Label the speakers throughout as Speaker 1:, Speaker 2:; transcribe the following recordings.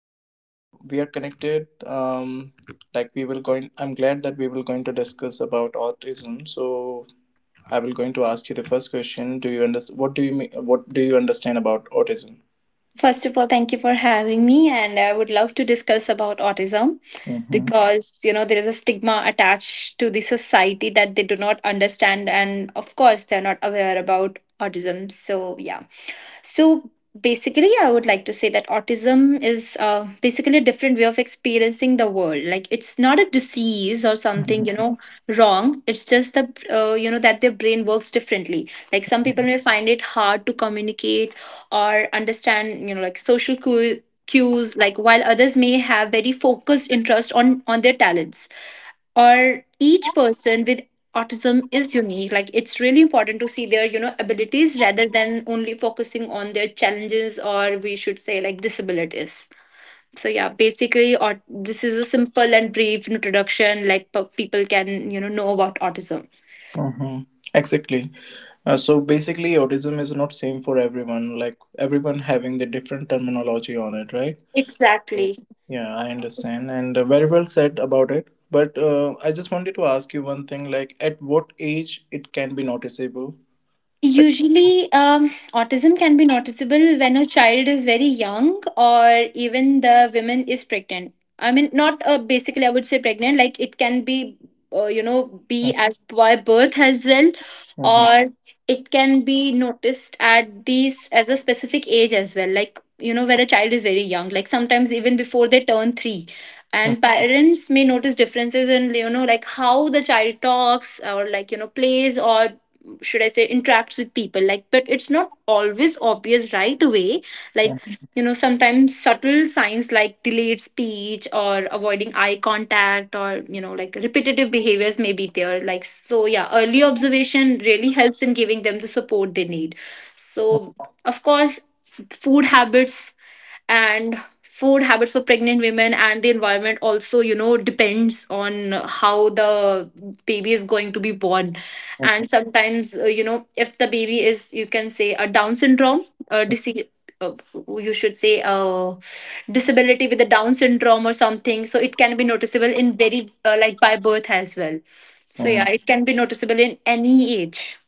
Speaker 1: So I we are connected. Um, like we will going. I'm glad that we will going to discuss about autism. So I will going to ask you the first question. Do you understand? What do you mean? What do you understand about autism?
Speaker 2: First of all, thank you for having me, and I would love to discuss about autism
Speaker 1: Mm-hmm.
Speaker 2: because you know there is a stigma attached to the society that they do not understand, and of course they're not aware about autism. So yeah. So basically, I would like to say that autism is basically a different way of experiencing the world. Like it's not a disease or something, you
Speaker 1: Mm-hmm.
Speaker 2: know, wrong. It's just the you know that their brain works differently. Like some people may find it hard to communicate or understand, you know, like cues, like while others may have very focused interest on their talents, or each person with autism is unique. Like it's really important to see their, you know, abilities rather than only focusing on their challenges, or we should say, like, disabilities. So yeah, basically, or this is a simple and brief introduction like people can, you know about autism
Speaker 1: Mm-hmm. Exactly. So basically, autism is not same for everyone. Like everyone having the different terminology on it, right?
Speaker 2: exactly.
Speaker 1: Yeah, I understand, and very well said about it. But I just wanted to ask you one thing: like, at what age it can be noticeable? Like.
Speaker 2: Usually, autism can be noticeable when a child is very young or even the woman is pregnant. I mean, not basically, I would say pregnant, like it can be, you know, be as by birth as well,
Speaker 1: Mhm,
Speaker 2: or it can be noticed at these as a specific age as well, like, you know, when a child is very young, like sometimes even before they turn three.
Speaker 1: mhm,
Speaker 2: And
Speaker 1: mhm,
Speaker 2: parents may notice differences in, you know, like how the child talks, or, like, you know, plays, or should I say interacts with people. Like, but it's not always obvious right away. Like, you know, sometimes subtle signs like delayed speech or avoiding eye contact or, you know, like repetitive behaviors may be there. Like, so yeah, early observation really helps in giving them the support they need. So, of course, food habits food habits for pregnant women and the environment also, you know, depends on how the baby is going to be born.
Speaker 1: mhm,
Speaker 2: And sometimes, you know, if the baby is, you can say, a down syndrome, a disease, uh, you should say a disability with a down syndrome or something, so it can be noticeable in very like by birth as well. So yeah,
Speaker 1: mhm.
Speaker 2: it can be noticeable in any age.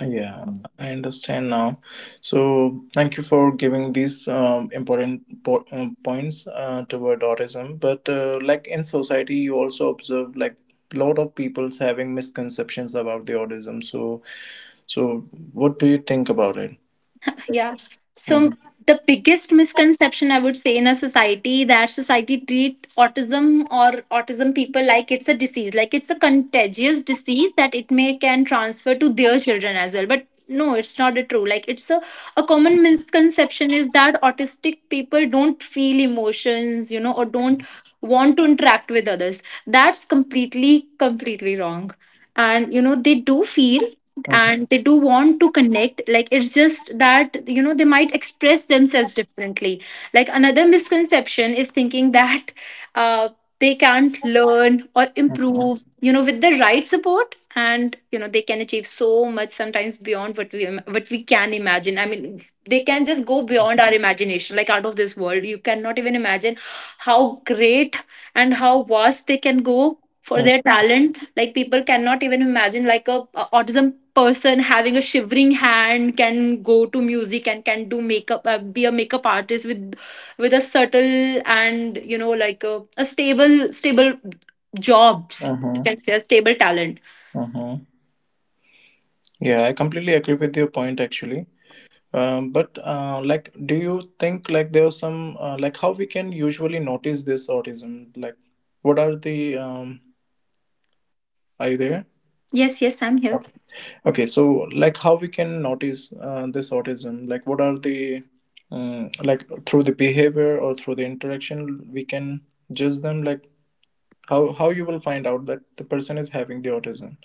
Speaker 1: Yeah, I understand now. So, thank you for giving these important points toward autism. But like in society, you also observe like lot of people's having misconceptions about the autism. So what do you think about it?
Speaker 2: Yeah. So the biggest misconception, I would say, in a society, that society treat autism or autism people like it's a disease, like it's a contagious disease that it may can transfer to their children as well. But no, it's not a true. Like it's a common misconception is that autistic people don't feel emotions, you know, or don't want to interact with others. That's completely, completely wrong. And you know, they do feel connect,
Speaker 1: Mm-hmm.
Speaker 2: and they do want to connect. Like, it's just that, you know, they might express themselves differently, like another misconception is thinking that uh, they can't learn or
Speaker 1: Mm-hmm.
Speaker 2: improve, you know. With the right support, and you know, they can achieve so much, sometimes beyond what we can imagine. I mean, they can just go beyond our imagination, like out of this world. You cannot even imagine how great and how vast they can go for their talent. Like people cannot even imagine like a autism person having a shivering hand can go to music and can do makeup, be a makeup artist with a subtle and, you know, like a stable stable jobs, you
Speaker 1: Mm-hmm.
Speaker 2: can say, a stable talent.
Speaker 1: Mm-hmm. Yeah, I completely agree with your point actually. But like, do you think like there was some like how we can usually notice this autism? Like, what are the? Are you there?
Speaker 2: Yes, yes, I'm here.
Speaker 1: Okay. Okay. So, like, how we can notice this autism? Like, what are the like through the behavior or through the interaction we can judge them? Like, how you will find out that the person is having the autism?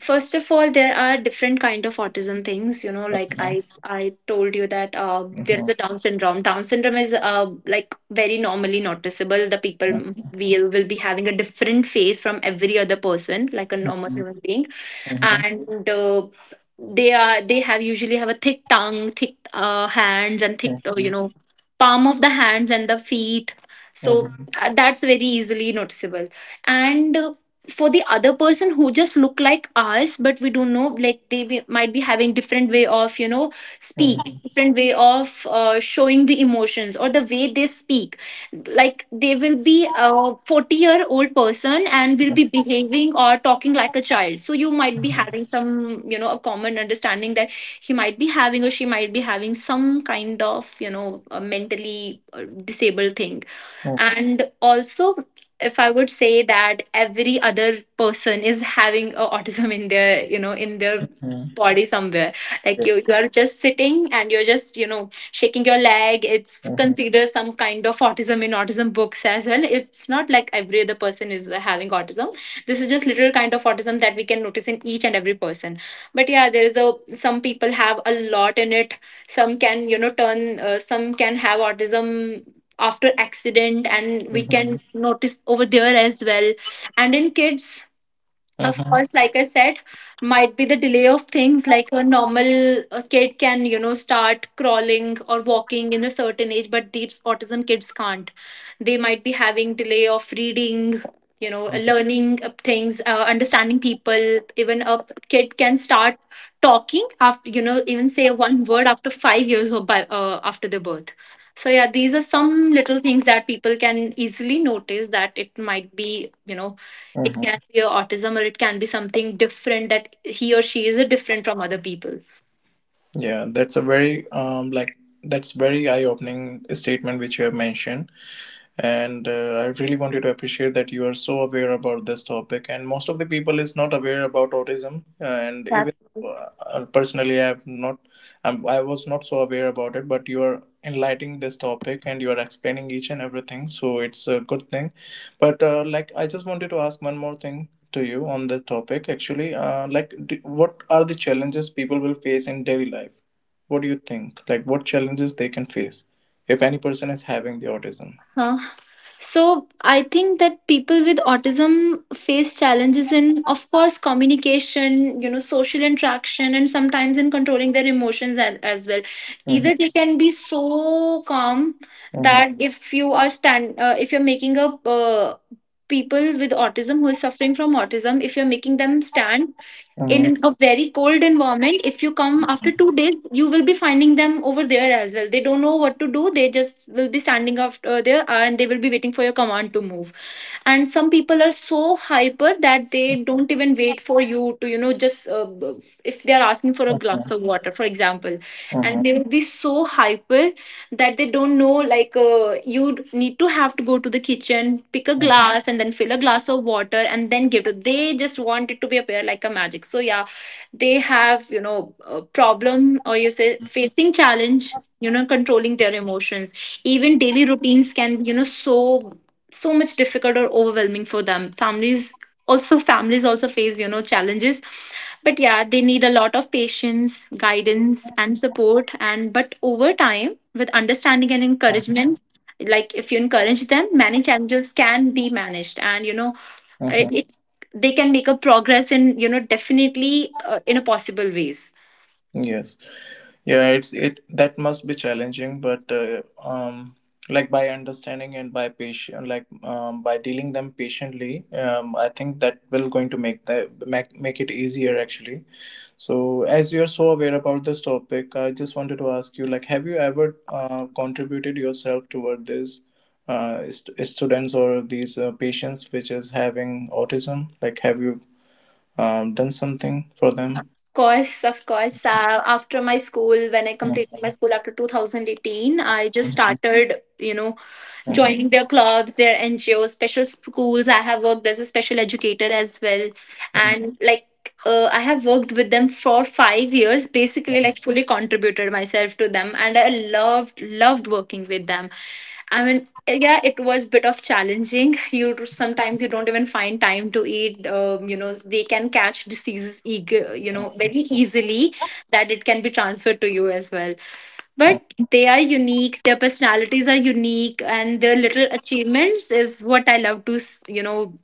Speaker 2: First of all, there are different kind of autism things, you know, like
Speaker 1: Mm-hmm.
Speaker 2: I told you that, there
Speaker 1: Mm-hmm.
Speaker 2: is a down syndrome. Down syndrome is, like, very normally noticeable. The people will be having a different face from every other person, like a normal
Speaker 1: Mm-hmm.
Speaker 2: human being.
Speaker 1: Mhm,
Speaker 2: And they are they have usually have a thick tongue, thick hands, and thick, you
Speaker 1: mhm,
Speaker 2: know, palm of the hands and the feet. So
Speaker 1: mhm,
Speaker 2: that's very easily noticeable. And for the other person who just look like us, but we don't know, like they might be having different way of, you know,
Speaker 1: mhm,
Speaker 2: speak, different way of, showing the emotions or the way they speak. Like they will be a 40-year-old person and will be behaving or talking like a child. So you might be
Speaker 1: mhm,
Speaker 2: having some, you know, a common understanding that he might be having or she might be having some kind of, you know, a mentally disabled thing. And also, if I would say that every other person is having a autism in their, you know, in their
Speaker 1: mhm.
Speaker 2: body somewhere. Like
Speaker 1: Yeah.
Speaker 2: you are just sitting and you're just, you know, shaking your leg. It's
Speaker 1: Mhm,
Speaker 2: considered some kind of autism in autism books as well. It's not like every other person is having autism. This is just little kind of autism that we can notice in each and every person. But yeah, there is a some people have a lot in it. Some can, you know, turn some can have autism after accident, and we
Speaker 1: mhm,
Speaker 2: can notice over there as well. And in kids, of
Speaker 1: mhm,
Speaker 2: course, like I said, might be the delay of things. Like a normal kid can, you know, start crawling or walking in a certain age, but these autism kids can't. They might be having delay of reading, you know,
Speaker 1: mhm,
Speaker 2: learning of things, understanding people. Even a kid can start talking after, you know, even say one word after 5 years, or by, after their birth. So yeah, these are some little things that people can easily notice that it might be, you know, it can
Speaker 1: mhm.
Speaker 2: be a autism, or it can be something different, that he or she is different from other people.
Speaker 1: Yeah, that's a very like that's very eye-opening statement which you have mentioned. And I really want you to appreciate that you are so aware about this topic, and most of the people is not aware about autism. And
Speaker 2: That's
Speaker 1: even
Speaker 2: right.
Speaker 1: personally I have not. I was not so aware about it, but you are enlightening this topic and you are explaining each and everything, so it's a good thing. But like, I just wanted to ask one more thing to you on the topic, actually. Like, d what are the challenges people will face in daily life? What do you think, like what challenges they can face if any person is having the autism?
Speaker 2: Huh. So I think that people with autism face challenges in, of course, communication, you know, social interaction, and sometimes in controlling their emotions as well. Either they can be so calm
Speaker 1: Mhm.
Speaker 2: that if you are if you're making a people with autism who is suffering from autism, if you're making them stand in a very cold environment, if you come after 2 days, you will be finding them over there as well. They don't know what to do. They just will be standing after there, and they will be waiting for your command to move. And some people are so hyper that they don't even wait for you to, you know, just, if they are asking for a glass of water, for example, and they will be so hyper that they don't know, like, you need to have to go to the kitchen, pick a glass, and then fill a glass of water, and then give to. They just want it to be appear like a magic. So yeah, they have, you know, a problem, or you say facing challenge, you know, controlling their emotions. Even daily routines can be, you know, so much difficult or overwhelming for them. Families also face, you know, challenges, but yeah, they need a lot of patience, guidance, and support. And but over time, with understanding and encouragement, like, if you encourage them, many challenges can be managed, and you know, it, it- they can make a progress in, you know, definitely in a possible ways.
Speaker 1: Yes. Yeah, it that must be challenging, but like by understanding and by patient, like by dealing them patiently, I think that will going to make it easier actually. So, as you are so aware about this topic, I just wanted to ask you, like, have you ever contributed yourself toward this students or these patients which is having autism? Like, have you done something for them.
Speaker 2: Of course, of course, after my school, when I completed my
Speaker 1: Mhm,
Speaker 2: school after 2018, I just
Speaker 1: mhm, mhm,
Speaker 2: started, you know, joining their clubs, their NGOs, special schools. I have worked as a special educator as well.
Speaker 1: mhm, mhm,
Speaker 2: And like, I have worked with them for 5 years, basically, like, fully contributed myself to them. And I loved working with them. I mean, yeah, it was a bit of challenging. You sometimes you don't even find time to eat. You know, they can catch diseases, eager, you know, very easily, that it can be transferred to you as well. But they are unique. Their personalities are unique, and their little achievements is what I love to you know,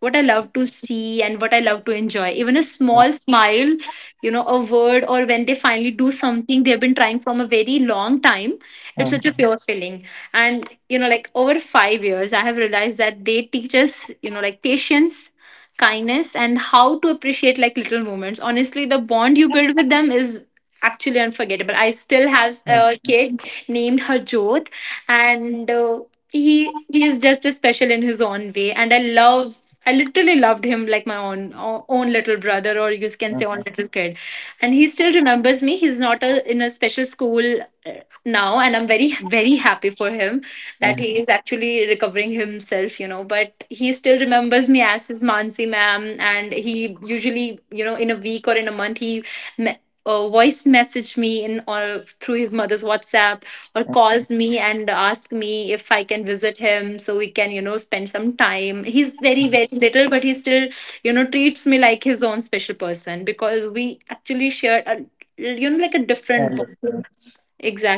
Speaker 2: what I love to see and what I love to enjoy. Even a small smile, you know, a word, or when they finally do something they've been trying from a very long time, it's such a
Speaker 1: mhm,
Speaker 2: pure feeling. And, you know, like over 5 years, I have realized that they teach us, you know, like patience, kindness, and how to appreciate like little moments. Honestly, the bond you build with them is actually unforgettable. I still have a
Speaker 1: mhm,
Speaker 2: kid named Harjot, and he is just as special in his own way, and I literally loved him like my own own little brother, or you can say own
Speaker 1: mhm,
Speaker 2: little kid. And he still remembers me. He's not a, in a special school, uh, now, and I'm very very happy for him that he
Speaker 1: mhm.
Speaker 2: is actually recovering himself. You know, but he still remembers me as his Mansi ma'am, and he usually in a week or in a month he m- voice message me in or through his mother's WhatsApp or
Speaker 1: Mhm.
Speaker 2: calls me and asks me if I can visit him so we can spend some time. He's very very little, but he still treats me like his own special person because we actually share a like a
Speaker 1: I
Speaker 2: different
Speaker 1: understand.
Speaker 2: bond.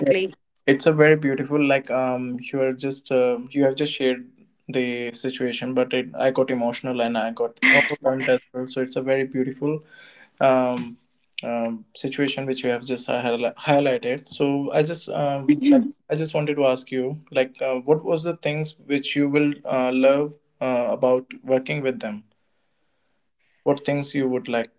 Speaker 1: Yeah. It's a very beautiful, like, you have just shared the situation, but I got emotional and I got overwhelmed as well. So it's a very beautiful um, situation which you have just highlighted. So I just
Speaker 2: Mhm.
Speaker 1: wanted to ask you, like, what was the things which you will love about working with them? What things you would like?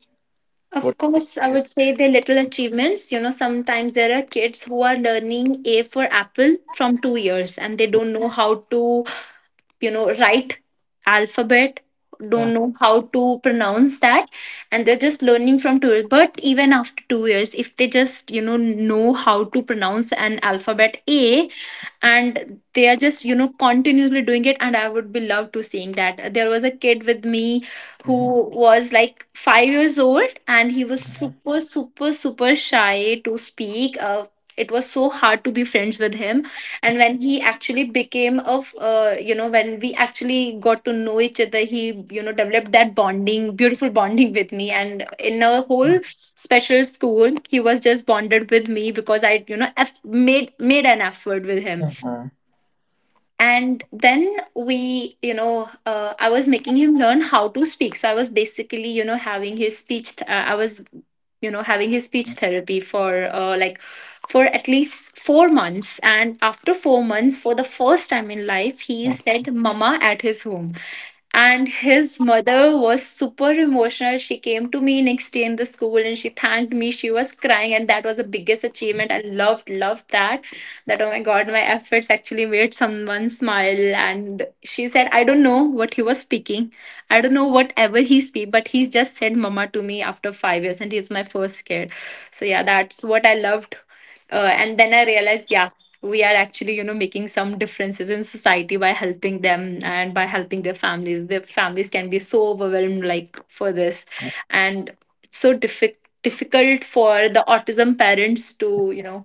Speaker 2: Of
Speaker 1: What things
Speaker 2: course, I
Speaker 1: you.
Speaker 2: would say the little achievements. You know, sometimes there are kids who are learning A for apple from 2 years and they don't know how to, you know, right, alphabet, don't know how to pronounce that, and they're just learning from tourists. But even after 2 years, if they just know how to pronounce an alphabet A and they are just continuously doing it. And I would be loved to seeing that. There was a kid with me who
Speaker 1: Mhm,
Speaker 2: was like 5 years old and he was
Speaker 1: mhm,
Speaker 2: super super super shy to speak. It was so hard to be friends with him. And when he actually became of you know, when we actually got to know each other, he developed that bonding, beautiful bonding with me, and in a whole special school he was just bonded with me because I made an effort with him.
Speaker 1: mhm,
Speaker 2: And then we I was making him learn how to speak, so I was basically having his I was having his speech therapy for like for at least 4 months. And after 4 months, for the first time in life, he
Speaker 1: mhm,
Speaker 2: said mama at his home. And his mother was super emotional. She came to me next day in the school and she thanked me. She was crying, and that was the biggest achievement. I loved that, that, oh my god, my efforts actually made someone smile. And she said, I don't know what he was speaking, I don't know whatever he speak, but he just said mama to me after 5 years and he's my first kid. So yeah, that's what I loved. And then I realized, yeah, we are actually making some differences in society by helping them and by helping their families. Their families can be so overwhelmed like for this. And it's so difficult for the autism parents to you know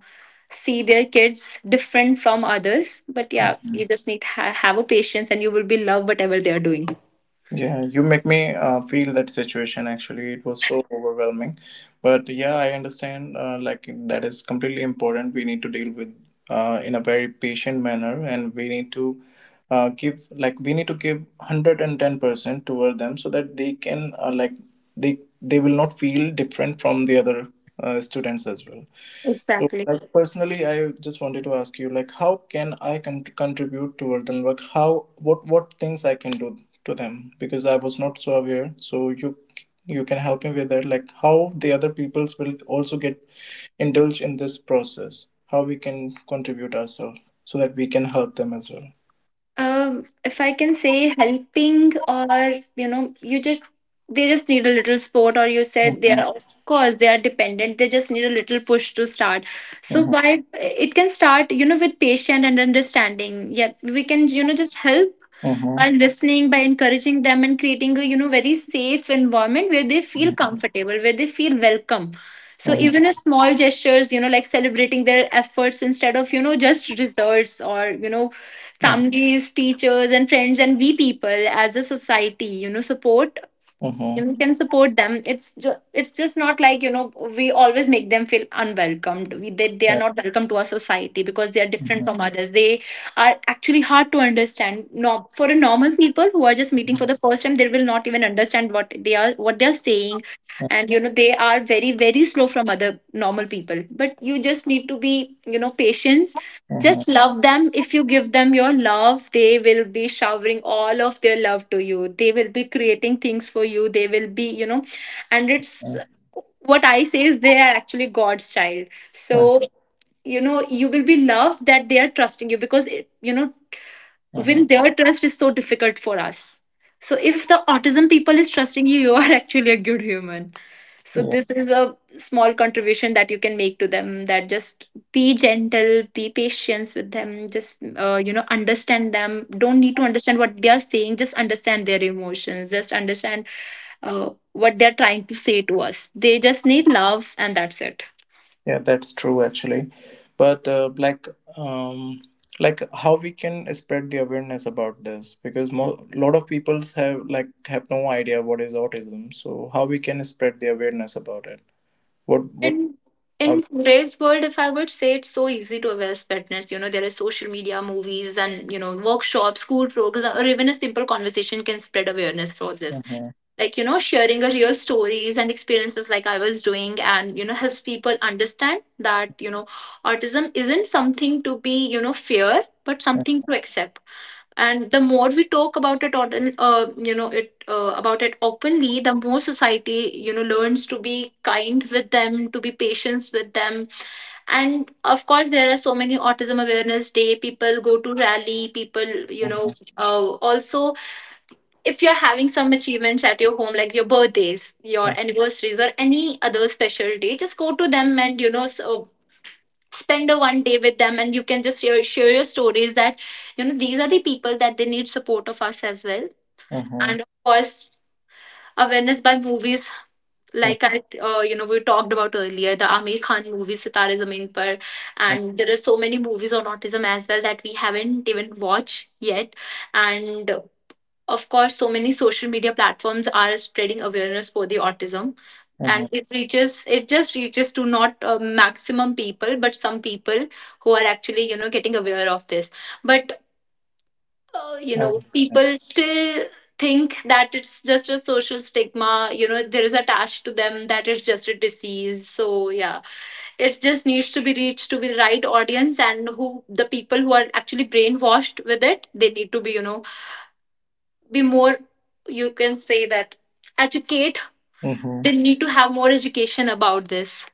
Speaker 2: see their kids different from others. But yeah, you
Speaker 1: mhm.
Speaker 2: just need to have a patience and you will be love whatever they are doing.
Speaker 1: Yeah, you make me feel that situation actually. It was so overwhelming. But yeah, I understand like that is completely important. We need to deal with in a very patient manner, and we need to give 110% toward them so that they can like they will not feel different from the other students as well. So,
Speaker 2: Exactly.
Speaker 1: like, personally, I just wanted to ask you, like, how can I contribute toward them? Like, how what things I can do to them? Because I was not so aware. So you can help me with that. Like, how the other peoples will also get indulged in this process. How we can contribute ourselves so that we can help them as well.
Speaker 2: If I can say helping or you know, you just, they just need a little support. Or you said they
Speaker 1: Mhm,
Speaker 2: are, of course they are dependent, they just need a little push to start. So
Speaker 1: mhm,
Speaker 2: why it can start, you know, with patience and understanding. Yeah, we can just help by
Speaker 1: mhm,
Speaker 2: listening, by encouraging them, and creating a very safe environment where they feel comfortable, where they feel welcome. So
Speaker 1: mhm,
Speaker 2: even a small gestures, you know, like celebrating their efforts instead of just results or you know,
Speaker 1: mhm,
Speaker 2: families, teachers, and friends, and we people as a society, you know, support,
Speaker 1: mhm, mhm,
Speaker 2: you can support them. It's just not like, you know, we always make them feel unwelcomed. They are
Speaker 1: right,
Speaker 2: not welcome to our society because they are different
Speaker 1: mhm,
Speaker 2: from others. They are actually hard to understand. No, for a normal people who are just meeting for the first time, they will not even understand what they are saying. And you know they are very very slow from other normal people. But you just need to be patient,
Speaker 1: mhm,
Speaker 2: just love them. If you give them your love, they will be showering all of their love to you. They will be creating things for you. They will be, you know, and it's
Speaker 1: mhm,
Speaker 2: what I say is, they are actually God's child. So, you know, you will be loved that they are trusting you, because, it, you know,
Speaker 1: mhm,
Speaker 2: when their trust is so difficult for us. So if the autism people is trusting you, you are actually a good human. So
Speaker 1: mhm.
Speaker 2: this is a small contribution that you can make to them. That just be gentle, be patient with them. Just you know, understand them. Don't need to understand what they are saying. Just understand their emotions. Just understand what they're trying to say to us. They just need love, and that's it.
Speaker 1: Yeah, that's true actually. But like, um, like, how we can spread the awareness about this, because lot of peoples have no idea what is autism. So how we can spread the awareness about it? What
Speaker 2: And
Speaker 1: how
Speaker 2: in
Speaker 1: we.
Speaker 2: today's world, if I would say, it's so easy to awareness fitness. You know, there are social media, movies, and you know, workshops, school programs, or even a simple conversation can spread awareness for this.
Speaker 1: Mhm,
Speaker 2: Like, you know, sharing a real stories and experiences like I was doing, and you know, helps people understand that, you know, autism isn't something to be, you know, fear, but something to accept. And the more we talk about it on you know it about it openly, the more society, you know, learns to be kind with them, to be patient with them. And of course, there are so many autism awareness day, people go to rally, people, you know,
Speaker 1: mhm,
Speaker 2: also if you're having some achievements at your home, like your birthdays, your anniversaries, or any other special day, just go to them. And you know, spend a one day with them, and you can just share your stories that, you know, these are the people that they need support of us as well.
Speaker 1: mhm,
Speaker 2: And of course, awareness by movies,
Speaker 1: mhm,
Speaker 2: like I you know, we talked about earlier, the Amir Khan movie Sitare Zameen Par.
Speaker 1: mhm,
Speaker 2: And there are so many movies on autism as well that we haven't even watched yet. And of course, so many social media platforms are spreading awareness for the autism.
Speaker 1: mhm, mhm,
Speaker 2: And it just reaches to not maximum people but some people who are actually, you know, getting aware of this. But you know,
Speaker 1: mhm,
Speaker 2: people still think that it's just a social stigma, you know, there is attached to them, that it's just a disease. So yeah, it just needs to be reached to be the right audience. And who the people who are actually brainwashed with it, they need to be, you know, be more, you can say that, educate.
Speaker 1: mhm.
Speaker 2: They need to have more education about this.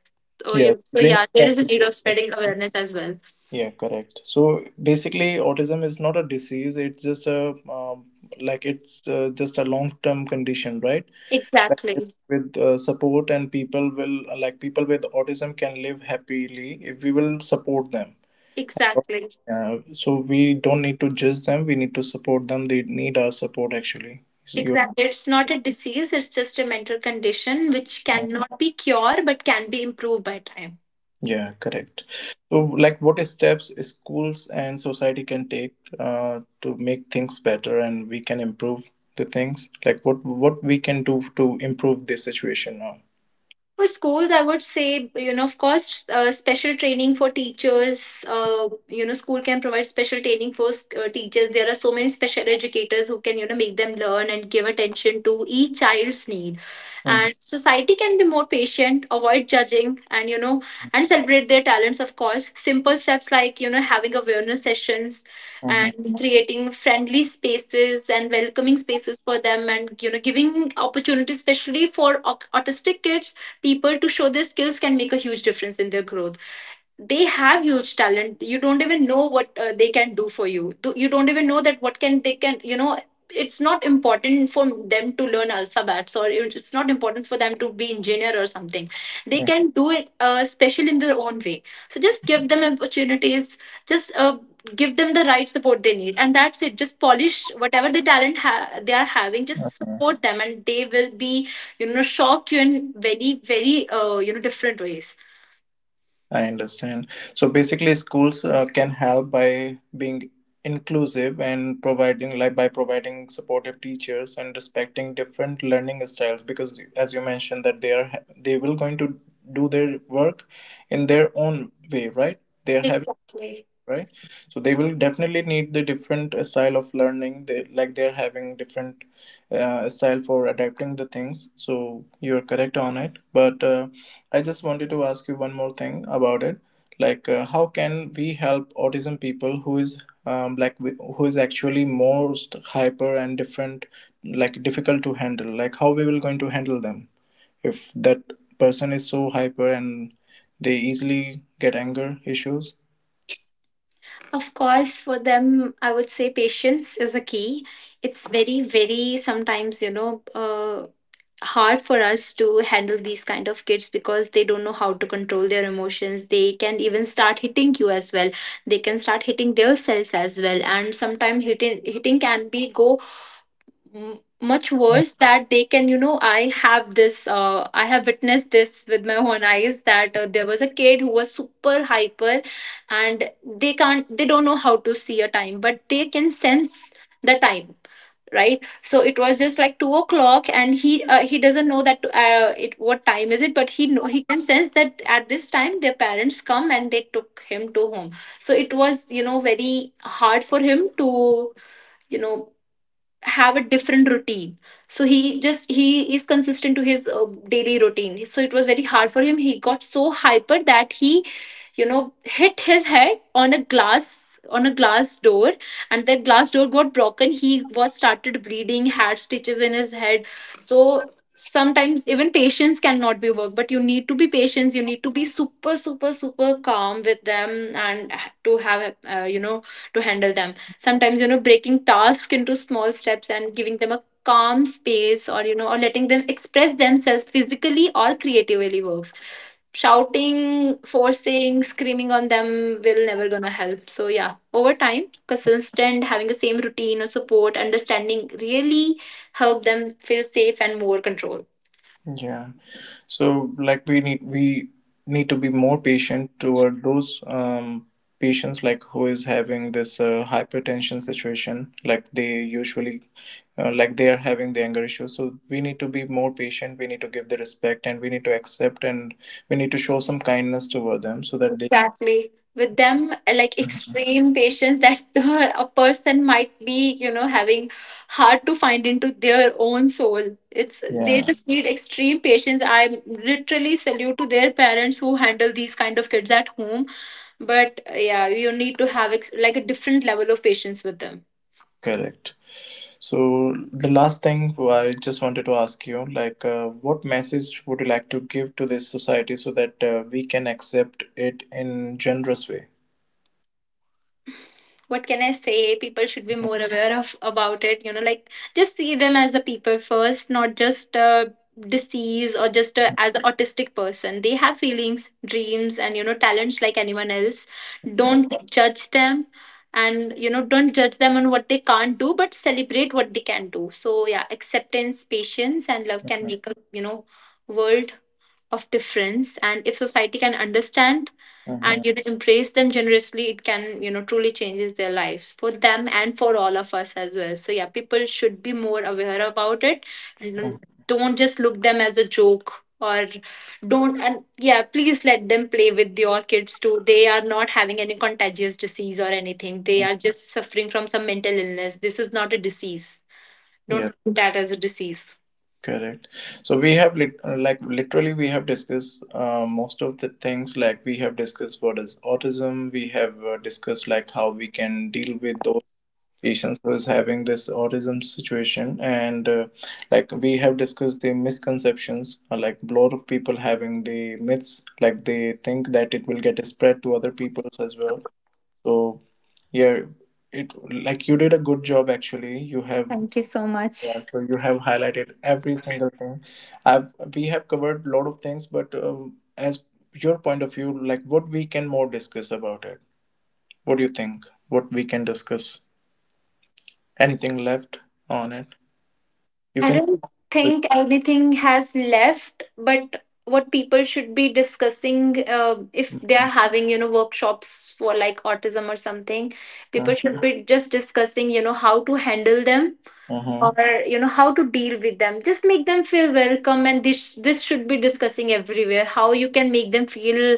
Speaker 1: Yes,
Speaker 2: So
Speaker 1: we need
Speaker 2: yeah,
Speaker 1: to
Speaker 2: there is a need
Speaker 1: activate
Speaker 2: of
Speaker 1: that.
Speaker 2: spreading awareness as well.
Speaker 1: Yeah, correct. So basically, autism is not a disease. It's just a um, like it's just a long-term condition, right? Like
Speaker 2: exactly
Speaker 1: with support, and people will like people with autism can live happily if we will support them.
Speaker 2: exactly
Speaker 1: So we don't need to judge them, we need to support them, they need our support actually, so you.
Speaker 2: exactly. It's not a disease, it's just a mental condition which
Speaker 1: uh,
Speaker 2: cannot be cured but can be improved by time.
Speaker 1: yeah correct. So, like, what steps schools and society can take to make things better and we can improve the things, like, what we can do to improve this situation now?
Speaker 2: For schools, I would say, you know, of course, special training for teachers. You know, school can provide special training for teachers. There are so many special educators who can, you know, make them learn and give attention to each child's need.
Speaker 1: Mhm,
Speaker 2: And society can be more patient, avoid judging, and, you know, and celebrate their talents, of course. Simple steps like, you know, having awareness sessions
Speaker 1: mhm,
Speaker 2: and creating friendly spaces and welcoming spaces for them, and, you know, giving opportunities, especially for autistic kids, people to show their skills can make a huge difference in their growth. They have huge talent. You don't even know what they can do for you. You don't even know that what can they can, you know, it's not important for them to learn alphabets, or it's not important for them to be engineer or something. They
Speaker 1: mhm,
Speaker 2: can do it special in their own way. So just give them opportunities. Just give them the right support they need, and that's it. Just polish whatever the talent they are having. Just
Speaker 1: mhm.
Speaker 2: support them and they will be, you know, shock you in very very you know, different ways.
Speaker 1: I understand. So basically, schools can help by being inclusive and providing, like, by providing supportive teachers and respecting different learning styles. Because, as you mentioned, that they will going to do their work in their own way, right? They are
Speaker 2: Exactly.
Speaker 1: right, so they will definitely need the different style of learning, they're having different style for adapting the things, so you're correct on it. But I just wanted to ask you one more thing about it, like how can we help autism people who is who is actually most hyper and different, like difficult to handle, like how we will going to handle them if that person is so hyper and they easily get anger issues?
Speaker 2: Of course, for them, I would say patience is a key. It's very, very sometimes, you know, hard for us to handle these kind of kids because they don't know how to control their emotions. They can even start hitting you as well. They can start hitting their self as well. And sometimes hitting can be much worse that they can, you know, I have witnessed this with my own eyes that there was a kid who was super hyper, and they don't know how to see a time, but they can sense the time, right? So it was just like 2 o'clock, and he doesn't know that it what time is it, but he know he can sense that at this time their parents come and they took him to home. So it was, you know, very hard for him to, you know, have a different routine. So he is consistent to his daily routine, so it was very hard for him. He got so hyper that he, you know, hit his head on a glass door, and that glass door got broken. He was started bleeding, had stitches in his head. So sometimes even patience cannot be worked, but you need to be patient. You need to be super, super, super calm with them, and to have, you know, to handle them. Sometimes, you know, breaking tasks into small steps and giving them a calm space, or, you know, or letting them express themselves physically or creatively works. Shouting, forcing, screaming on them will never gonna help. So yeah, over time, consistent, having the same routine or support, understanding really help them feel safe and more control.
Speaker 1: Yeah. So, like, we need to be more patient toward those patients, like who is having this hypertension situation, like they usually like, they are having the anger issue. So we need to be more patient. We need to give the respect, and we need to accept, and we need to show some kindness toward them so that they.
Speaker 2: Exactly. With them, like extreme patience that the, a person might be, you know, having hard to find into their own soul. It's they
Speaker 1: Yeah.
Speaker 2: just need extreme patience. I literally salute to their parents who handle these kind of kids at home. But yeah, you need to have like a different level of patience with them.
Speaker 1: Correct. So the last thing I just wanted to ask you, like, what message would you like to give to this society so that we can accept it in generous way?
Speaker 2: What can I say? People should be
Speaker 1: Mhm.
Speaker 2: more aware of about it, you know, like just see them as the people first, not just a disease, or just a, as an autistic person. They have feelings, dreams, and, you know, talents like anyone else. Don't judge them, and, you know, don't judge them on what they can't do, but celebrate what they can do. So yeah, acceptance, patience, and love can
Speaker 1: Mhm,
Speaker 2: make a, you know, world of difference. And if society can understand
Speaker 1: mhm,
Speaker 2: and, you know, embrace them generously, it can, you know, truly changes their lives for them and for all of us as well. So yeah, people should be more aware about it,
Speaker 1: mhm,
Speaker 2: and don't just look them as a joke, or don't and yeah, please let them play with your kids too. They are not having any contagious disease or anything. They
Speaker 1: mhm.
Speaker 2: are just suffering from some mental illness. This is not a disease. Don't
Speaker 1: Yeah,
Speaker 2: look at that as a disease.
Speaker 1: correct. So we have lit like literally we have discussed most of the things, like we have discussed what is autism, we have discussed like how we can deal with patients who is having this autism situation, and like we have discussed the misconceptions, like a lot of people having the myths, like they think that it will get spread to other peoples as well, so yeah, it like you did a good job actually. You have.
Speaker 2: Thank you so
Speaker 1: Yeah,
Speaker 2: much.
Speaker 1: so you have highlighted every single thing. I've we have covered a lot of things, but as your point of view, like what we can more discuss about it, what do you think, what we can discuss, anything left on it? You
Speaker 2: I
Speaker 1: can
Speaker 2: don't
Speaker 1: give
Speaker 2: think anything has left, but what people should be discussing, if they
Speaker 1: the
Speaker 2: are having, you know, workshops for like autism or something,
Speaker 1: uh,
Speaker 2: people should be just discussing, you know, how to handle them,
Speaker 1: uh-huh,
Speaker 2: or, you know, how to deal with them. Just make them feel welcome, and this should be discussing everywhere how you can make them feel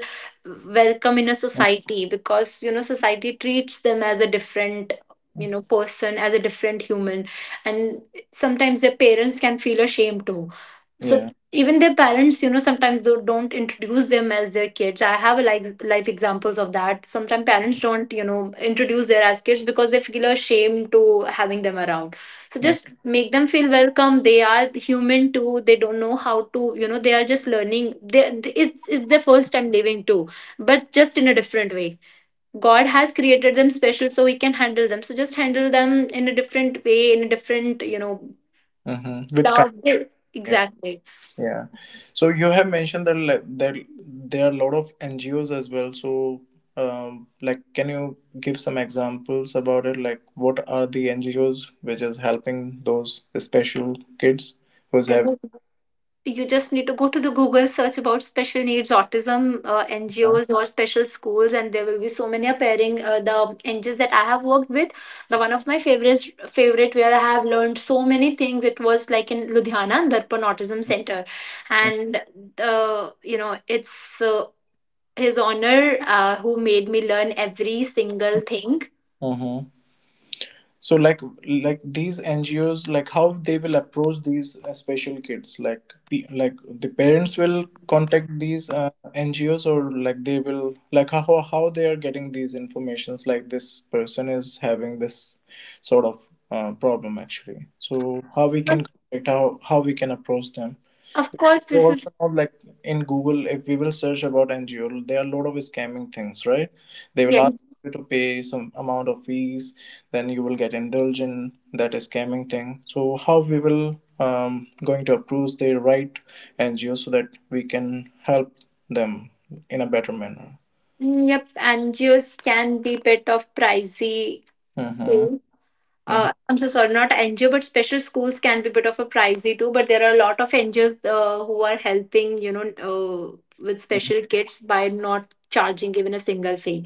Speaker 2: welcome in a
Speaker 1: uh-huh.
Speaker 2: society, because, you know, society treats them as a different, you know, person, as a different human. And sometimes their parents can feel ashamed too. So
Speaker 1: Yeah.
Speaker 2: even their parents, you know, sometimes don't introduce them as their kids. I have a like life examples of that. Sometimes parents don't, you know, introduce their as kids because they feel ashamed to having them around. So
Speaker 1: uh,
Speaker 2: just make them feel welcome. They are human too. They don't know how to, you know, they are just learning. It's their first time living too, but just in a different way. God has created them special so we can handle them. So just handle them in a different way, in a different, you know,
Speaker 1: uh-huh, with kindness.
Speaker 2: love. Exactly.
Speaker 1: Yeah. So you have mentioned that there are a lot of NGOs as well. So, like, can you give some examples about it? Like, what are the NGOs which is helping those special kids who's having?
Speaker 2: You just need to go to the Google, search about special needs autism
Speaker 1: Uh,
Speaker 2: NGOs or special schools, and there will be so many appearing. The NGOs that I have worked with, the one of my favorite where I have learned so many things. It was like in Ludhiana, Darpan Autism Center, and the, you know, it's his honor, who made me learn every single thing.
Speaker 1: uh-huh. So, like these NGOs, like how they will approach these special kids, like like the parents will contact these NGOs, or like they will, like, how they are getting these informations, like this person is having this sort of problem actually. So how we
Speaker 2: But
Speaker 1: can contact, how we can approach them?
Speaker 2: of course,
Speaker 1: You
Speaker 2: this is
Speaker 1: also know, like, in Google, if we will search about NGO there are a lot of scamming things, right? They will
Speaker 2: yes,
Speaker 1: ask you to pay some amount of fees, then you will get indulged in that scamming thing, so how we will going to approve the right NGO so that we can help them in a better manner.
Speaker 2: yep. NGOs can be bit of pricey.
Speaker 1: Mm-hmm. Mm-hmm.
Speaker 2: Uh, I'm so sorry, not NGO, but special schools can be a bit of a pricey too. But there are a lot of NGOs, who are helping, you know, with special kids by not charging even a single fee.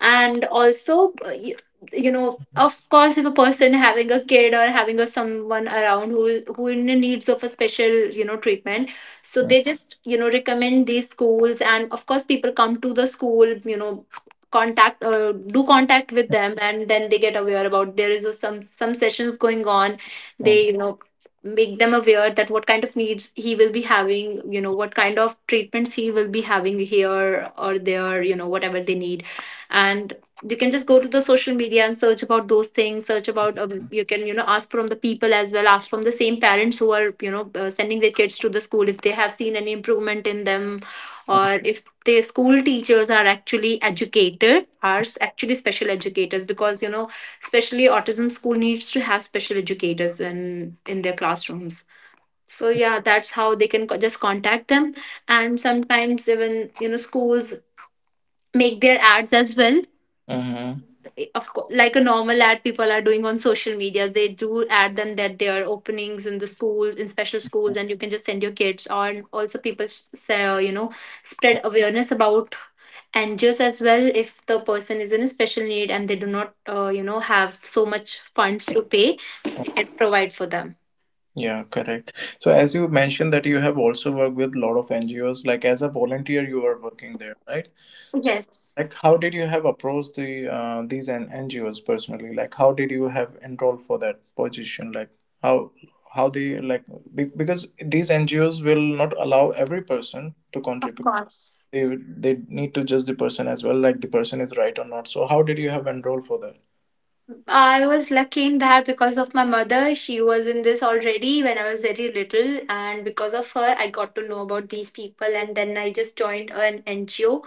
Speaker 2: And also you know, of course, if a person having a kid or having a someone around who is who in the needs of a special, you know, treatment, so they just, you know, recommend these schools. And of course people come to the school, you know, contact, do contact with them, and then they get aware about there is a, some sessions going on.
Speaker 1: Mm-hmm.
Speaker 2: They, you know, make them aware that what kind of needs he will be having, you know, what kind of treatments he will be having here or there, you know, whatever they need. And you can just go to the social media and search about those things, search about, you can, you know, ask from the people as well, ask from the same parents who are, you know, sending their kids to the school if they have seen any improvement in them, or if the school teachers are actually educated, are actually special educators, because, you know, especially autism school needs to have special educators in their classrooms. So yeah, that's how they can just contact them. And sometimes even, you know, schools make their ads as well.
Speaker 1: Mm-hmm.
Speaker 2: Of course, like a normal ad, people are doing on social media, they do add them that there are openings in the schools, in special schools, and you can just send your kids. Or also people say, you know, spread awareness about. And just as well, if the person is in a special need and they do not, you know, have so much funds to pay,
Speaker 1: Mm-hmm.
Speaker 2: it provide for them.
Speaker 1: Yeah, correct. So, as you mentioned that you have also worked with a lot of NGOs, like as a volunteer you are working there, right? So,
Speaker 2: Yes,
Speaker 1: like, how did you have approached the these NGOs personally? Like, how did you have enrolled for that position? Like, how how they, like, be, because these NGOs will not allow every person to
Speaker 2: of
Speaker 1: contribute.
Speaker 2: course.
Speaker 1: They will- they need to judge the person as well, like the person is right or not. So how did you have enrolled for that?
Speaker 2: I was lucky in that because of my mother. She was in this already when I was very little, and because of her, I got to know about these people. And then I just joined an NGO,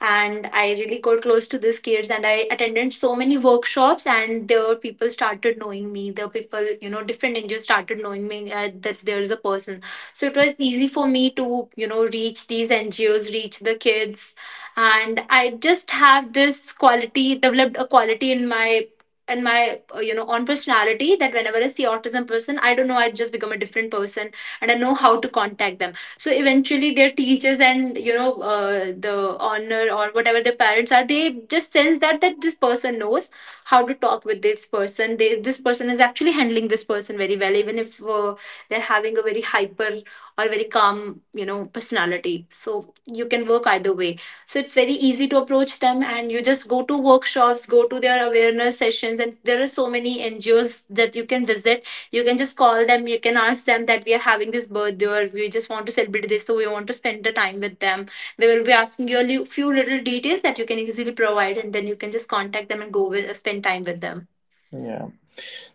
Speaker 2: and I really got close to these kids. And I attended so many workshops, and the people started knowing me. The people, you know, different NGOs started knowing me, that there is a person. So it was easy for me to, you know, reach these NGOs, reach the kids. And I just have this quality, developed a quality in my, and my, you know, on personality, that whenever I see autism person, I don't know, I just become a different person. And I know how to contact them. So eventually their teachers, and, you know, the honor, or whatever their parents are, they just sense that that this person knows how to talk with this person. They this person is actually handling this person very well. Even if they're having a very hyper or very calm, you know, personality, so you can work either way. So it's very easy to approach them, and you just go to workshops, go to their awareness sessions, and there are so many NGOs that you can visit. You can just call them, you can ask them that we are having this birthday, or we just want to celebrate this, so we want to spend the time with them. They will be asking you a few little details that you can easily provide, and then you can just contact them and go with, spend time with them.
Speaker 1: Yeah.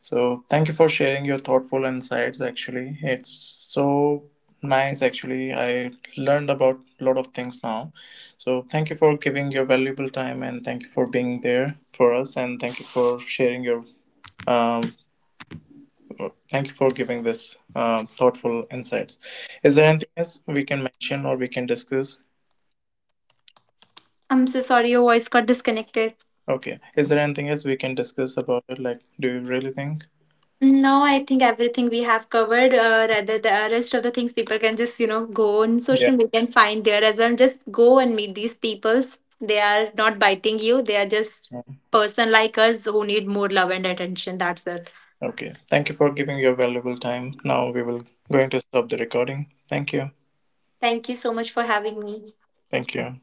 Speaker 1: So thank you for sharing your thoughtful insights. Actually, it's so nice. Actually, I learned about a lot of things now. So thank you for giving your valuable time, and thank you for being there for us, and thank you for sharing your um thank you for giving this thoughtful insights. Is there anything else we can mention or we can discuss?
Speaker 2: I'm so sorry, your voice got disconnected.
Speaker 1: Okay. Is there anything else we can discuss about it? Like, do you really think?
Speaker 2: No, I think everything we have covered. Rather, the rest of the things people can just, you know, go on
Speaker 1: Yeah.
Speaker 2: social media and find there as well. Just go and meet these peoples. They are not biting you. They are just person like us who need more love and attention. That's it.
Speaker 1: Okay. Thank you for giving your valuable time. Now we will going to stop the recording. Thank you.
Speaker 2: Thank you so much for having me.
Speaker 1: Thank you.